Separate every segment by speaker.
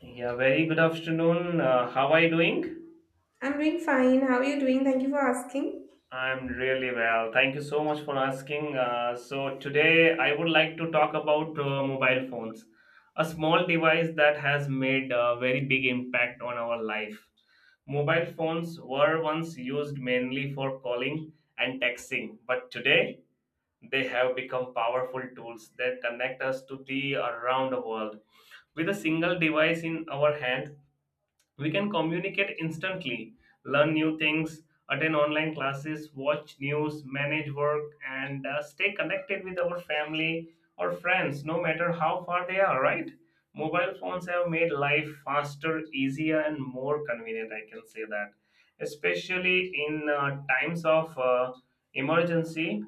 Speaker 1: Yeah, very good afternoon. How are you doing?
Speaker 2: I'm doing fine. How are you doing? Thank you for asking.
Speaker 1: I'm really well. Thank you so much for asking. Today I would like to talk about mobile phones, a small device that has made a very big impact on our life. Mobile phones were once used mainly for calling and texting, but today they have become powerful tools that connect us to the around the world. With a single device in our hand, we can communicate instantly, learn new things, attend online classes, watch news, manage work, and stay connected with our family or friends, no matter how far they are, right? Mobile phones have made life faster, easier, and more convenient, I can say that. Especially in times of emergency,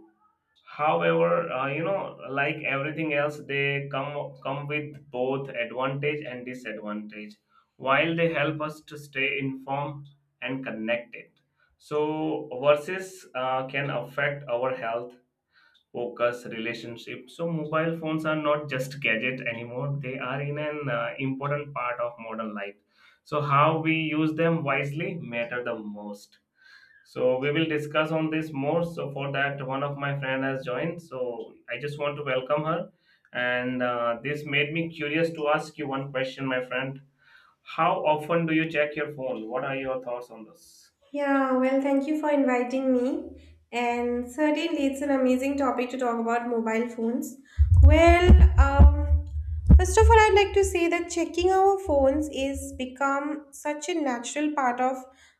Speaker 1: however, like everything else, they come with both advantage and disadvantage. While they help us to stay informed and connected, so versus can affect our health, focus, relationship. So mobile phones are not just gadget anymore; they are in an important part of modern life. So how we use them wisely matter the most, so we will discuss on this more. So for that, one of my friend has joined. So I just want to welcome her. And this made me curious to ask you one question, my friend. How often do you check your phone? What are your thoughts on this?
Speaker 2: Yeah, well, thank you for inviting me. And certainly, it's an amazing topic to talk about mobile phones. Well, um, First of all, I'd like to say that checking our phones is become such a natural part of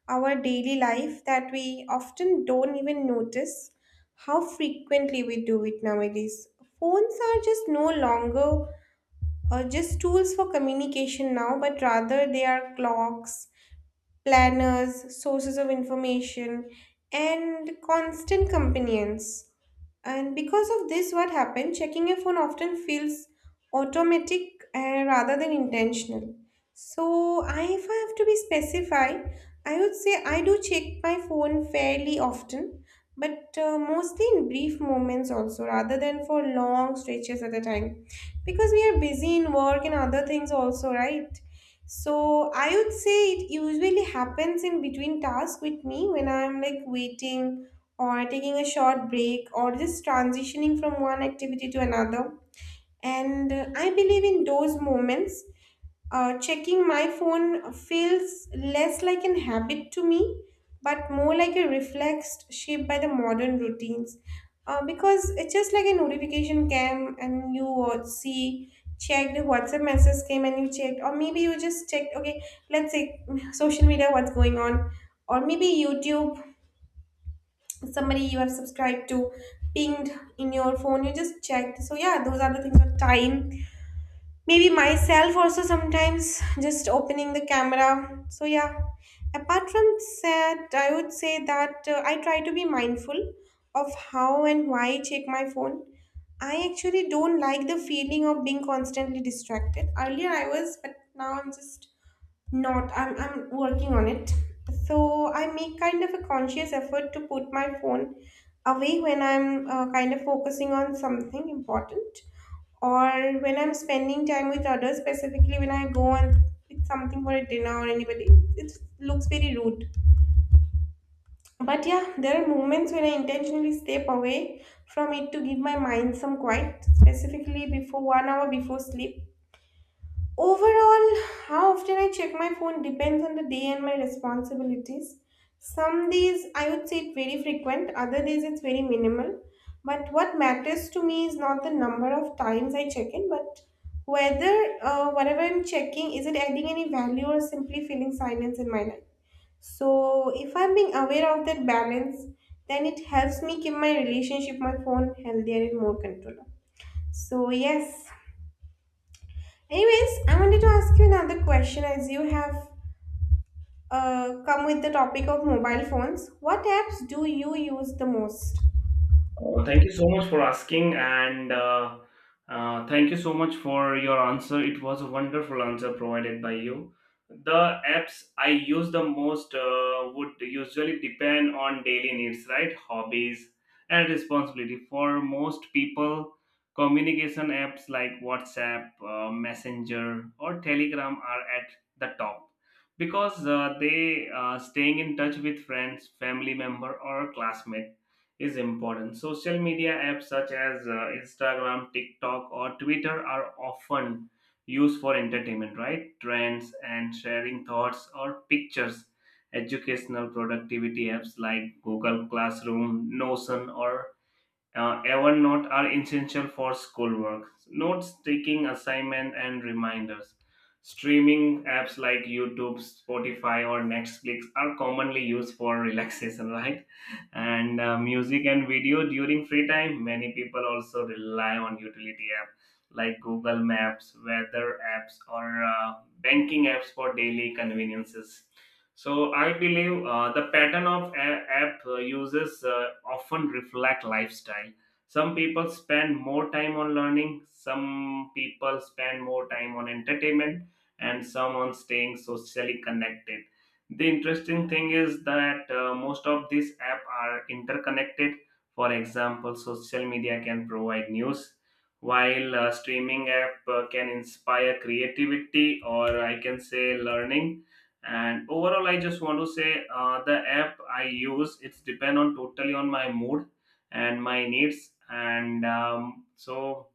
Speaker 2: our daily life that we often don't even notice how frequently we do it nowadays. Phones are just no longer just tools for communication now, but rather they are clocks, planners, sources of information, and constant companions. And because of this, what happened? Checking your phone often feels automatic rather than intentional. So, if I have to be specified, I would say I do check my phone fairly often, but mostly in brief moments also, rather than for long stretches at a time. Because we are busy in work and other things also, right? So I would say it usually happens in between tasks with me when I'm like waiting or taking a short break or just transitioning from one activity to another. And I believe in those moments checking my phone feels less like an habit to me, but more like a reflex shaped by the modern routines. Because it's just like a notification came and you see, checked, WhatsApp message came and you checked, or maybe you just checked, okay, let's say social media, what's going on, or maybe YouTube, somebody you have subscribed to, pinged in your phone, you just checked. So, yeah, those are the things of time, maybe myself also sometimes just opening the camera. So yeah, apart from that, I would say that I try to be mindful of how and why I check my phone. I actually don't like the feeling of being constantly distracted. Earlier I was, but now I'm just not. I'm working on it. So I make kind of a conscious effort to put my phone away when I'm kind of focusing on something important, or when I'm spending time with others, specifically when I go and with something for a dinner or anybody. It looks very rude. But yeah, there are moments when I intentionally step away from it to give my mind some quiet, specifically before 1 hour before sleep. Overall, how often I check my phone depends on the day and my responsibilities. Some days I would say it's very frequent, other days it's very minimal. But what matters to me is not the number of times I check it, but whether whatever I'm checking is it adding any value or simply filling silence in my life. So if I'm being aware of that balance, then it helps me keep my relationship, my phone healthier and more controlled. So yes. Anyways, I wanted to ask you another question as you have come with the topic of mobile phones. What apps do you use the most?
Speaker 1: Thank you so much for asking, and thank you so much for your answer. It was a wonderful answer provided by you. The apps I use the most would usually depend on daily needs, right? Hobbies and responsibility. For most people, communication apps like WhatsApp, Messenger, or Telegram are at the top because they staying in touch with friends, family member, or classmate is important. Social media apps such as Instagram, TikTok, or Twitter are often used for entertainment, right? Trends and sharing thoughts or pictures. Educational productivity apps like Google Classroom, Notion, or Evernote are essential for schoolwork, notes taking, assignment, and reminders. Streaming apps like YouTube, Spotify, or Netflix are commonly used for relaxation, right? And music and video during free time. Many people also rely on utility apps like Google Maps, weather apps, or banking apps for daily conveniences. So I believe the pattern of app users often reflect lifestyle. Some people spend more time on learning, some people spend more time on entertainment, and some on staying socially connected. The interesting thing is that most of these apps are interconnected. For example, social media can provide news, while streaming app can inspire creativity, or I can say learning. And overall, I just want to say the app I use, it's depend on totally on my mood and my needs, and so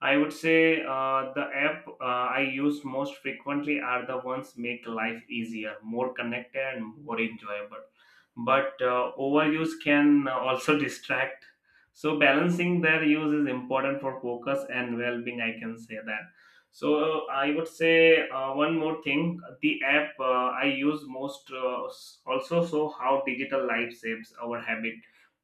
Speaker 1: I would say the app I use most frequently are the ones make life easier, more connected, and more enjoyable. But overuse can also distract. So balancing their use is important for focus and well-being. I can say that. So I would say one more thing: the app I use most also show how digital life shapes our habit,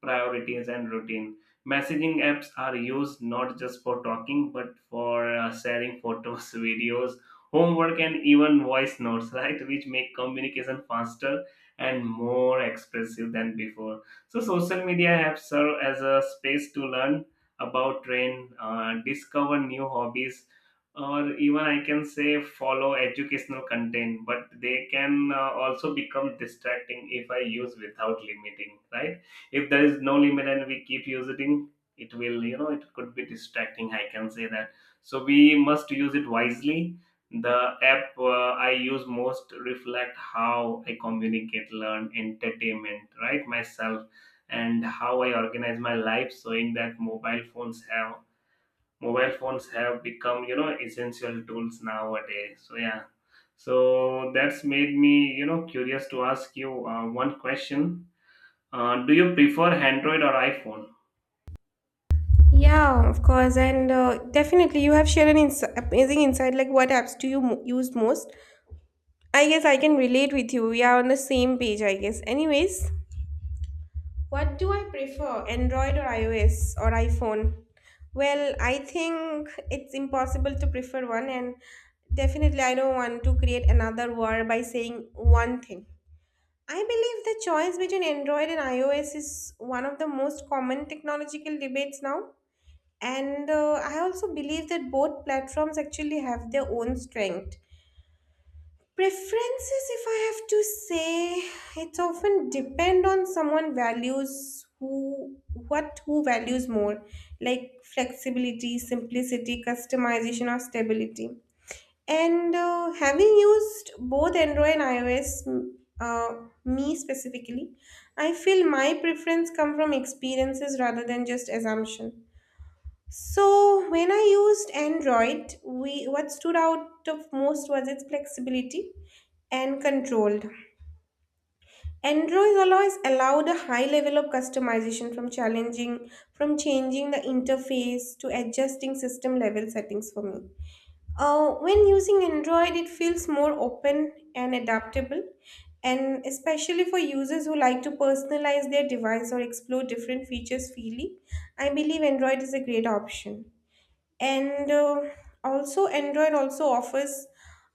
Speaker 1: priorities, and routine. Messaging apps are used not just for talking, but for sharing photos, videos, homework, and even voice notes, right? Which make communication faster and more expressive than before. So, social media apps serve as a space to learn about trend, discover new hobbies, or even I can say follow educational content. But they can also become distracting if I use without limiting, right? If there is no limit and we keep using, it will, you know, it could be distracting, I can say that. So we must use it wisely. The app I use most reflect how I communicate, learn, entertainment, right, myself, and how I organize my life, showing that mobile phones have become, you know, essential tools nowadays. So yeah, so that's made me, you know, curious to ask you one question. Do you prefer Android or iPhone?
Speaker 2: Yeah, of course, and definitely you have shared an amazing insight. Like, what apps do you use most? I guess I can relate with you. We are on the same page, I guess. Anyways, what do I prefer, Android or iOS or iPhone? Well, I think it's impossible to prefer one, and definitely I don't want to create another war by saying one thing. I believe the choice between Android and iOS is one of the most common technological debates now. And I also believe that both platforms actually have their own strength. Preferences, if I have to say, it's often depend on someone values, who values more, like flexibility, simplicity, customization, or stability. And having used both Android and iOS, me specifically, I feel my preference come from experiences rather than just assumption. So when I used Android, we what stood out of most was its flexibility and controlled. Android always allowed a high level of customization, from changing the interface to adjusting system level settings for me. When using Android, it feels more open and adaptable, and especially for users who like to personalize their device or explore different features freely, I believe Android is a great option. And Also, Android also offers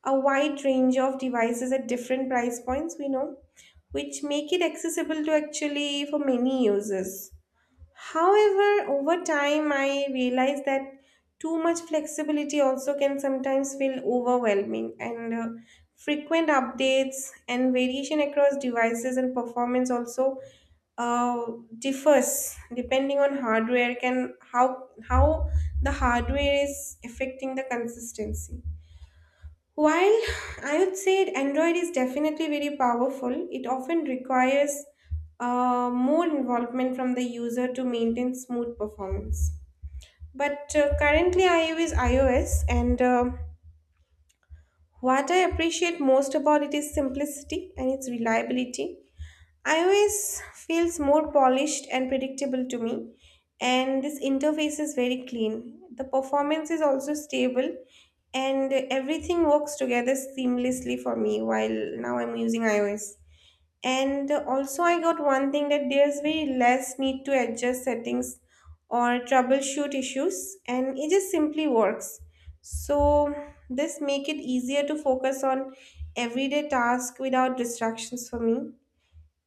Speaker 2: a wide range of devices at different price points, we know, which make it accessible to actually for many users. However, over time, I realized that too much flexibility also can sometimes feel overwhelming, and frequent updates and variation across devices and performance also uh, differs depending on hardware, can how the hardware is affecting the consistency. While I would say Android is definitely very powerful, it often requires more involvement from the user to maintain smooth performance. But currently, I use iOS, and what I appreciate most about it is simplicity and its reliability. iOS feels more polished and predictable to me, and this interface is very clean. The performance is also stable, and everything works together seamlessly for me while now I'm using iOS. And also, I got one thing that there's very less need to adjust settings or troubleshoot issues, and it just simply works. So, this make it easier to focus on everyday task without distractions for me.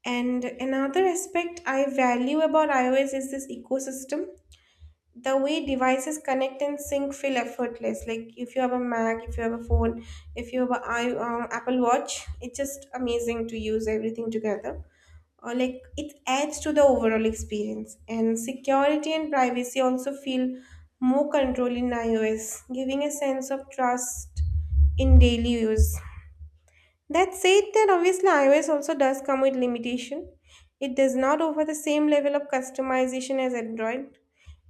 Speaker 2: And another aspect I value about iOS is this ecosystem. The way devices connect and sync feel effortless. Like if you have a Mac, if you have a phone, if you have a I Apple Watch, it's just amazing to use everything together. Or like it adds to the overall experience. And security and privacy also feel more control in iOS, giving a sense of trust in daily use. That said, that obviously iOS also does come with limitation. It does not offer the same level of customization as Android,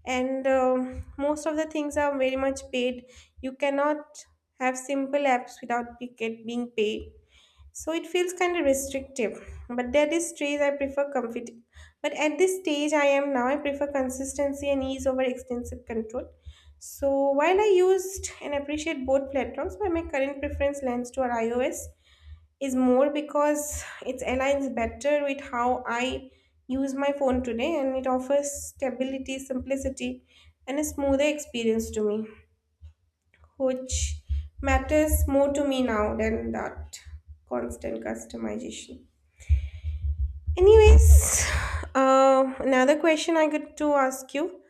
Speaker 2: and most of the things are very much paid. You cannot have simple apps without being paid, so it feels kind of restrictive. But at this stage, I prefer comfort. But at this stage, I am now. I prefer consistency and ease over extensive control. So while I used and appreciate both platforms, but my current preference lands toward iOS is more because it aligns better with how I use my phone today, and it offers stability, simplicity, and a smoother experience to me, which matters more to me now than that constant customization. Anyways, another question I got to ask you.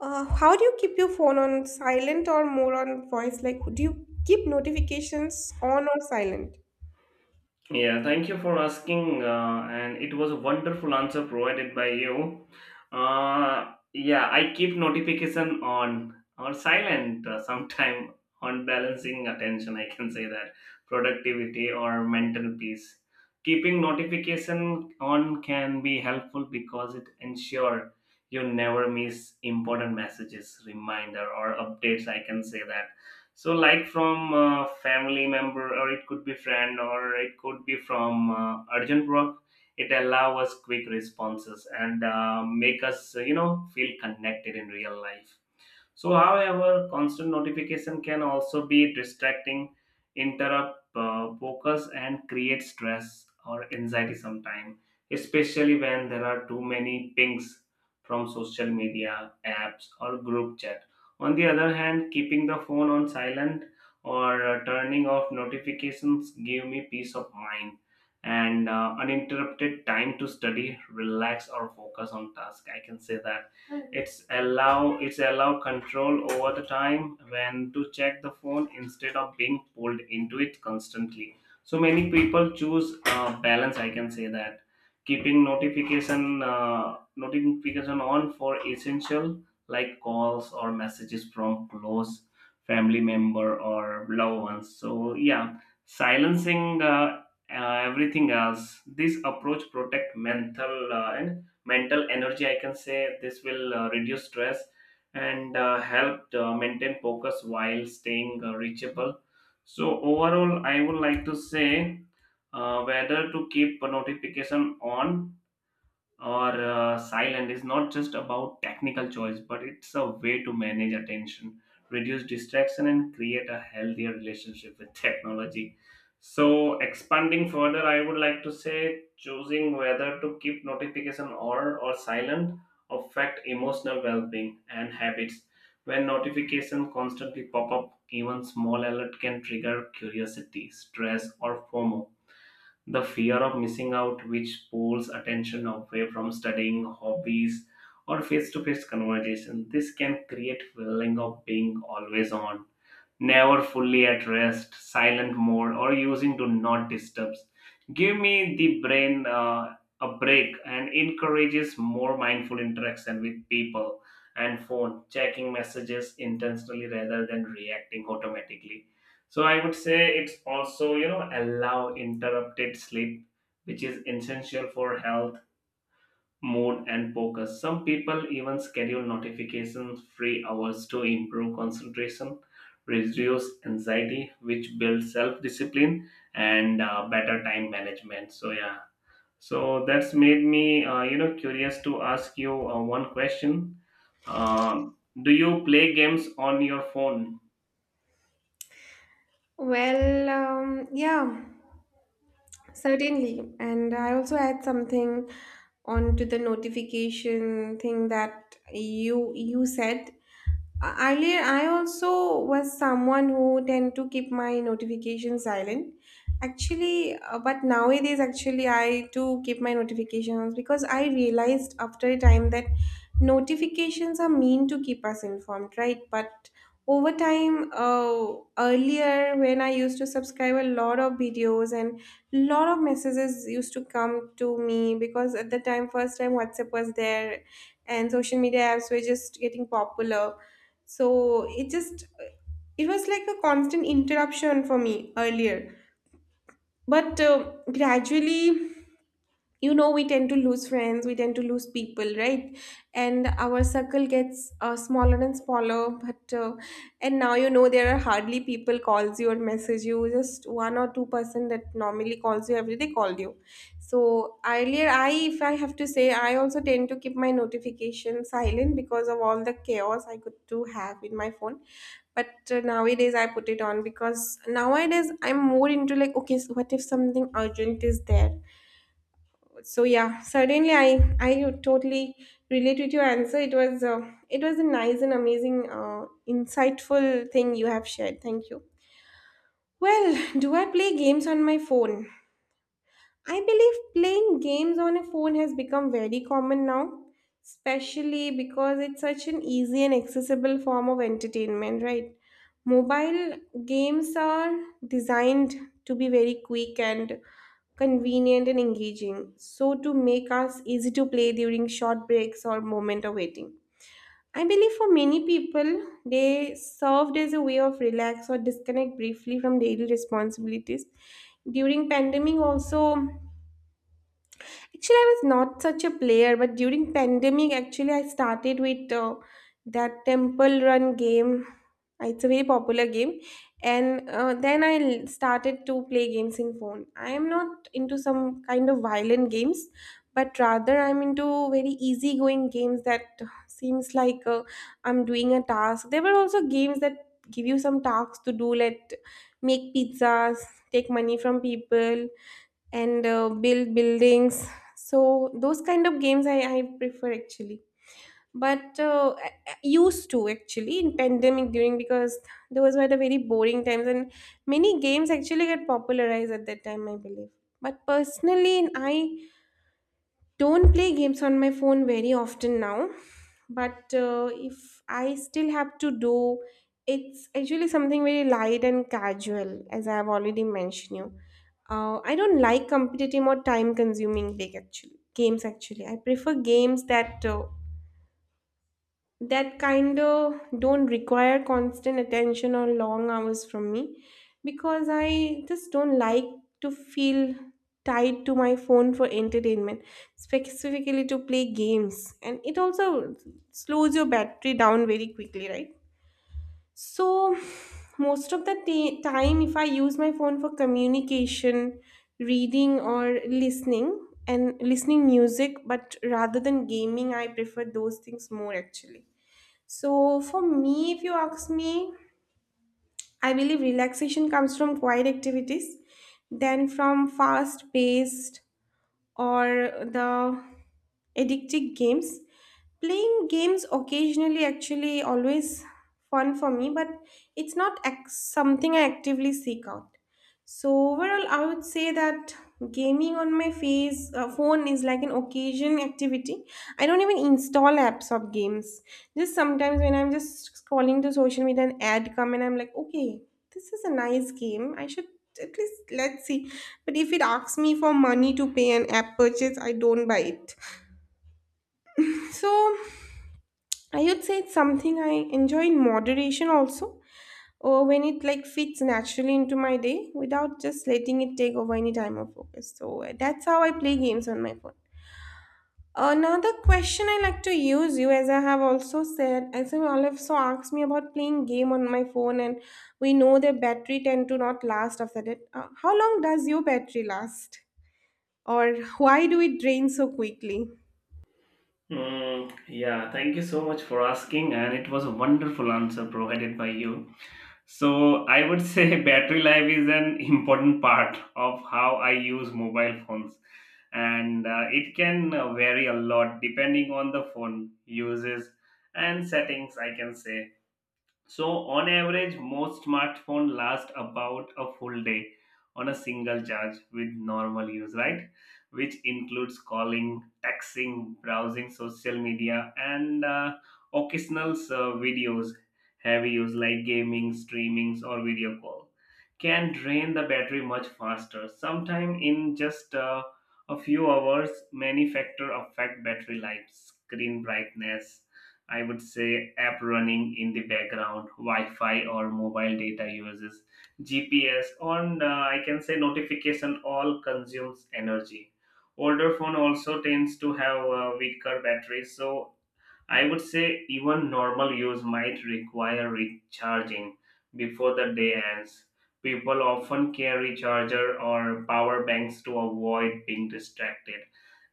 Speaker 2: How do you keep your phone on silent or more on voice? Like, do you keep notifications on or silent?
Speaker 1: Yeah, thank you for asking. And it was a wonderful answer provided by you. Yeah, I keep notification on or silent sometime on balancing attention. I can say that, productivity or mental peace. Keeping notification on can be helpful because it ensure you never miss important messages, reminder, or updates. I can say that. So like from a family member, or it could be friend, or it could be from urgent work. It allows us quick responses and make us, you know, feel connected in real life. So, however, constant notification can also be distracting, interrupt focus, and create stress or anxiety sometimes, especially when there are too many pings from social media, apps, or group chat. On the other hand, keeping the phone on silent or turning off notifications give me peace of mind and uninterrupted time to study, relax, or focus on task. I can say that. It's allow control over the time when to check the phone instead of being pulled into it constantly. So many people choose balance. I can say that, keeping notification notification on for essential like calls or messages from close family member or loved ones. So yeah, silencing everything else. This approach protect mental and mental energy, I can say this will reduce stress and help maintain focus while staying reachable. So overall, I would like to say whether to keep a notification on or silent is not just about technical choice, but it's a way to manage attention, reduce distraction, and create a healthier relationship with technology. So, expanding further, I would like to say, choosing whether to keep notification on or silent affect emotional well-being and habits. When notifications constantly pop up, even small alert can trigger curiosity, stress, or FOMO, the fear of missing out, which pulls attention away from studying, hobbies, or face to face conversation. This can create feeling of being always on, never fully at rest. Silent mode, or using do not disturb, give me the brain a break and encourages more mindful interaction with people and phone, checking messages intentionally rather than reacting automatically. So I would say it's also, you know, allow interrupted sleep, which is essential for health mode and focus. Some people even schedule notifications free hours to improve concentration, reduce anxiety, which builds self discipline and better time management. So, yeah, so that's made me, curious to ask you one question. Um, do you play games on your phone?
Speaker 2: Yeah. Certainly. And I also add something onto the notification thing that you said. Earlier, I also was someone who tend to keep my notification silent. Actually, but nowadays, actually, I do keep my notifications because I realized after a time that notifications are meant to keep us informed, right? But over time, earlier when I used to subscribe a lot of videos and lot of messages used to come to me, because at the time first time WhatsApp was there and social media apps were just getting popular, so it was like a constant interruption for me earlier. But gradually, you know, we tend to lose friends, we tend to lose people, right? And our circle gets smaller and smaller. But uh, and now, you know, there are hardly people calls you or message you, just one or two person that normally calls you every day called you. So earlier, I if I have to say, I also tend to keep my notification silent because of all the chaos I could do have in my phone. But nowadays I put it on because nowadays I'm more into like, okay, so what if something urgent is there. So yeah, certainly, I totally relate with your answer. It was a nice and amazing insightful thing you have shared. Thank you. Well, do I play games on my phone? I believe playing games on a phone has become very common now, especially because it's such an easy and accessible form of entertainment, right? Mobile games are designed to be very quick and convenient and engaging, so to make us easy to play during short breaks or moment of waiting. I believe for many people, they served as a way of relax or disconnect briefly from daily responsibilities. During pandemic also, actually, I was not such a player, but during pandemic, actually, I started with that Temple Run game. It's a very popular game, and then started to play games in phone. I am not into some kind of violent games, but rather I'm into very easygoing games that seems like I'm doing a task. There were also games that give you some tasks to do, like make pizzas, take money from people, and build buildings. So those kind of games I prefer actually. But I used to actually in pandemic during because those were the very boring times, and many games actually got popularized at that time, I believe. But personally, I don't play games on my phone very often now, but if I still have to do, it's actually something very light and casual, as I have already mentioned you. I don't like competitive or time consuming big actually games, actually I prefer games that that kind of don't require constant attention or long hours from me, because I just don't like to feel tied to my phone for entertainment, specifically to play games. And it also slows your battery down very quickly, right? So, most of the time, if I use my phone for communication, reading, or listening, and listening music, but rather than gaming, I prefer those things more actually. So, for me, if you ask me, I believe relaxation comes from quiet activities than from fast paced or the addictive games. Playing games occasionally actually always fun for me, but it's not something I actively seek out. So overall, I would say that gaming on my face phone is like an occasion activity. I don't even install apps of games. Just sometimes when I'm just scrolling to social media, an ad come and I'm like, okay, this is a nice game. I should at least, let's see. But if it asks me for money to pay an app purchase, I don't buy it. So I would say it's something I enjoy in moderation also, or when it like fits naturally into my day without just letting it take over any time or focus. So that's how I play games on my phone. Another question I like to use you, as I have also said, as you all have so asked me about playing game on my phone. And we know their battery tend to not last after that. How long does your battery last, or why do it drain so quickly?
Speaker 1: Mm, yeah, thank you so much for asking, and it was a wonderful answer provided by you. So I would say battery life is an important part of how I use mobile phones, and it can vary a lot depending on the phone uses and settings. I can say. So, on average, most smartphone last about a full day on a single charge with normal use, right? Which includes calling, texting, browsing social media, and occasional videos. Heavy use like gaming, streamings, or video call can drain the battery much faster. Sometime in just a few hours, many factors affect battery life: screen brightness, I would say app running in the background, Wi-Fi or mobile data uses, GPS, on I can say notification all consumes energy. Older phone also tends to have weaker batteries, so I would say even normal use might require recharging before the day ends. People often carry charger or power banks to avoid being distracted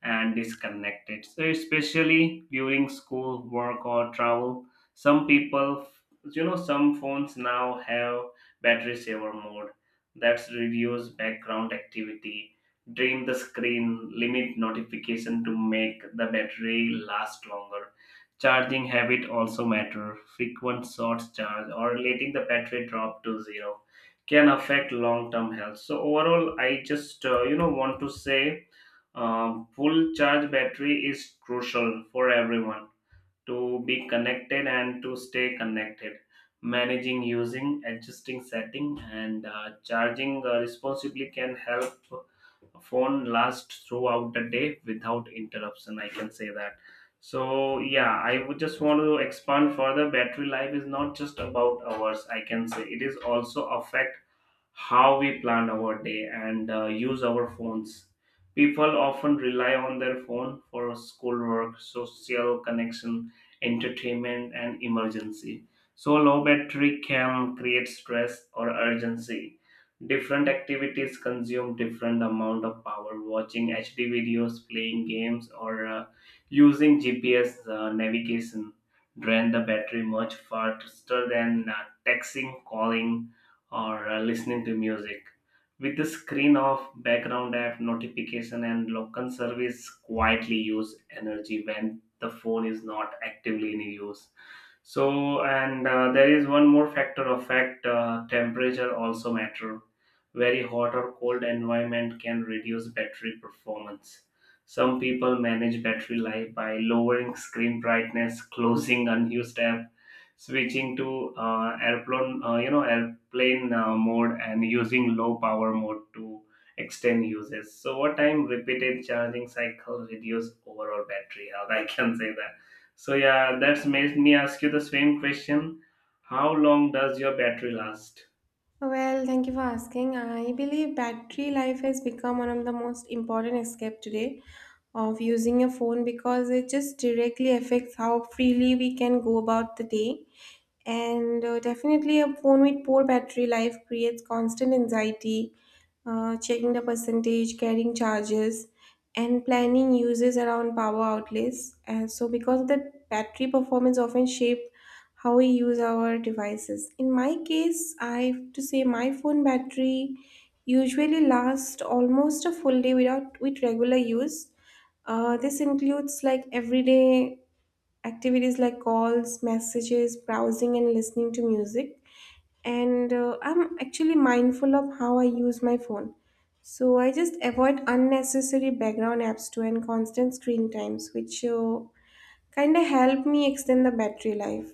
Speaker 1: and disconnected. So especially during school, work or travel, some people, you know, some phones now have battery saver mode that's reduce background activity, dim the screen, limit notification to make the battery last longer. Charging habit also matter. Frequent short charge or letting the battery drop to zero can affect long-term health. So overall, I just, want to say, full charge battery is crucial for everyone to be connected and to stay connected. Managing, using, adjusting setting, and charging responsibly can help phone lasts throughout the day without interruption, I can say that. So yeah, I would just want to expand further, battery life is not just about hours, I can say it is also affect how we plan our day and use our phones. People often rely on their phone for schoolwork, social connection, entertainment, and emergency. So, low battery can create stress or urgency. Different activities consume different amount of power. Watching HD videos, playing games, or using GPS navigation drain the battery much faster than texting, calling, or listening to music. With the screen off, background app, notification, and local service quietly use energy when the phone is not actively in use. So, and there is one more factor of fact, temperature also matter. Very hot or cold environment can reduce battery performance. Some people manage battery life by lowering screen brightness, closing unused app, switching to airplane, plain mode and using low power mode to extend uses. So over time, repeated charging cycles reduce overall battery health. I can say that. So yeah, that's made me ask you the same question. How long does your battery last?
Speaker 2: Well, thank you for asking. I believe battery life has become one of the most important escape today of using a phone, because it just directly affects how freely we can go about the day. And definitely, a phone with poor battery life creates constant anxiety, checking the percentage, carrying charges, and planning uses around power outlets. And so, because of that, battery performance often shape how we use our devices. In my case, I have to say my phone battery usually lasts almost a full day without with regular use. This includes like everyday activities like calls, messages, browsing, and listening to music. And I'm actually mindful of how I use my phone. So I just avoid unnecessary background apps too and constant screen times, which kind of help me extend the battery life.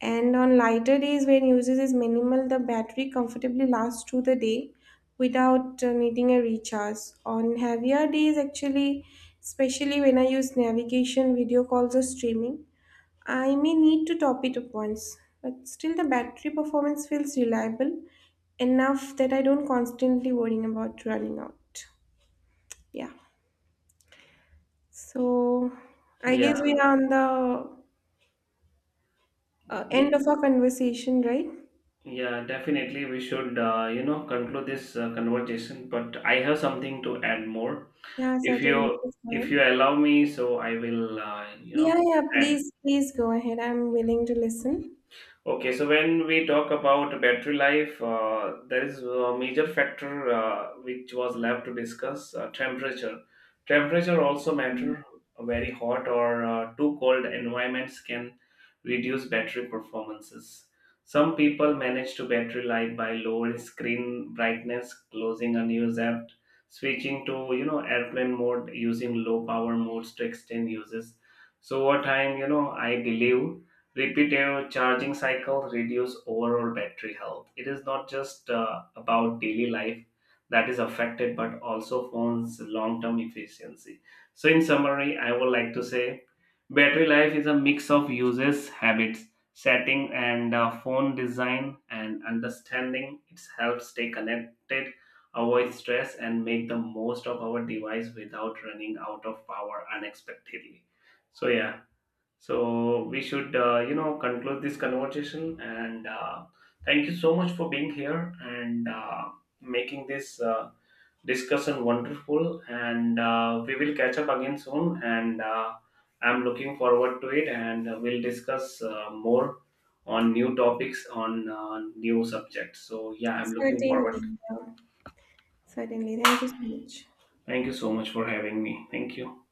Speaker 2: And on lighter days when usage is minimal, the battery comfortably lasts through the day without needing a recharge. On heavier days, actually, especially when I use navigation, video calls, or streaming, I may need to top it up once, but still the battery performance feels reliable enough that I don't constantly worrying about running out. Yeah. So I
Speaker 1: Yeah,
Speaker 2: guess we are on the
Speaker 1: yeah,
Speaker 2: end of our conversation, right?
Speaker 1: yeah, definitely. We should, conclude this conversation. But I have something to add more.
Speaker 2: Yeah,
Speaker 1: If
Speaker 2: certainly.
Speaker 1: you,
Speaker 2: Please go
Speaker 1: if
Speaker 2: ahead.
Speaker 1: you allow me, so I will,
Speaker 2: Yeah, yeah,
Speaker 1: add.
Speaker 2: please, please go ahead. I'm willing to listen.
Speaker 1: Okay, so when we talk about battery life, there is a major factor which was left to discuss, temperature. Temperature also
Speaker 2: Mm.
Speaker 1: matter. A very hot or too cold environments can reduce battery performances. Some people manage to battery life by lowering screen brightness, closing unused app, switching to, you know, airplane mode, using low power modes to extend uses. So over time, you know, I believe repetitive charging cycles reduce overall battery health. It is not just about daily life that is affected, but also phones' long term efficiency. So, in summary, I would like to say battery life is a mix of uses, habits, setting, and phone design, and understanding it helps stay connected. Avoid stress and make the most of our device without running out of power unexpectedly. So, yeah, so we should, conclude this conversation. And thank you so much for being here and making this discussion wonderful. And we will catch up again soon. And I'm looking forward to it. And we'll discuss more on new topics on new subjects. So yeah, I'm looking
Speaker 2: Certainly,
Speaker 1: forward.
Speaker 2: yeah. Certainly. Thank you so much.
Speaker 1: Thank you so much for having me. Thank you.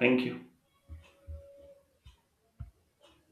Speaker 1: Thank you.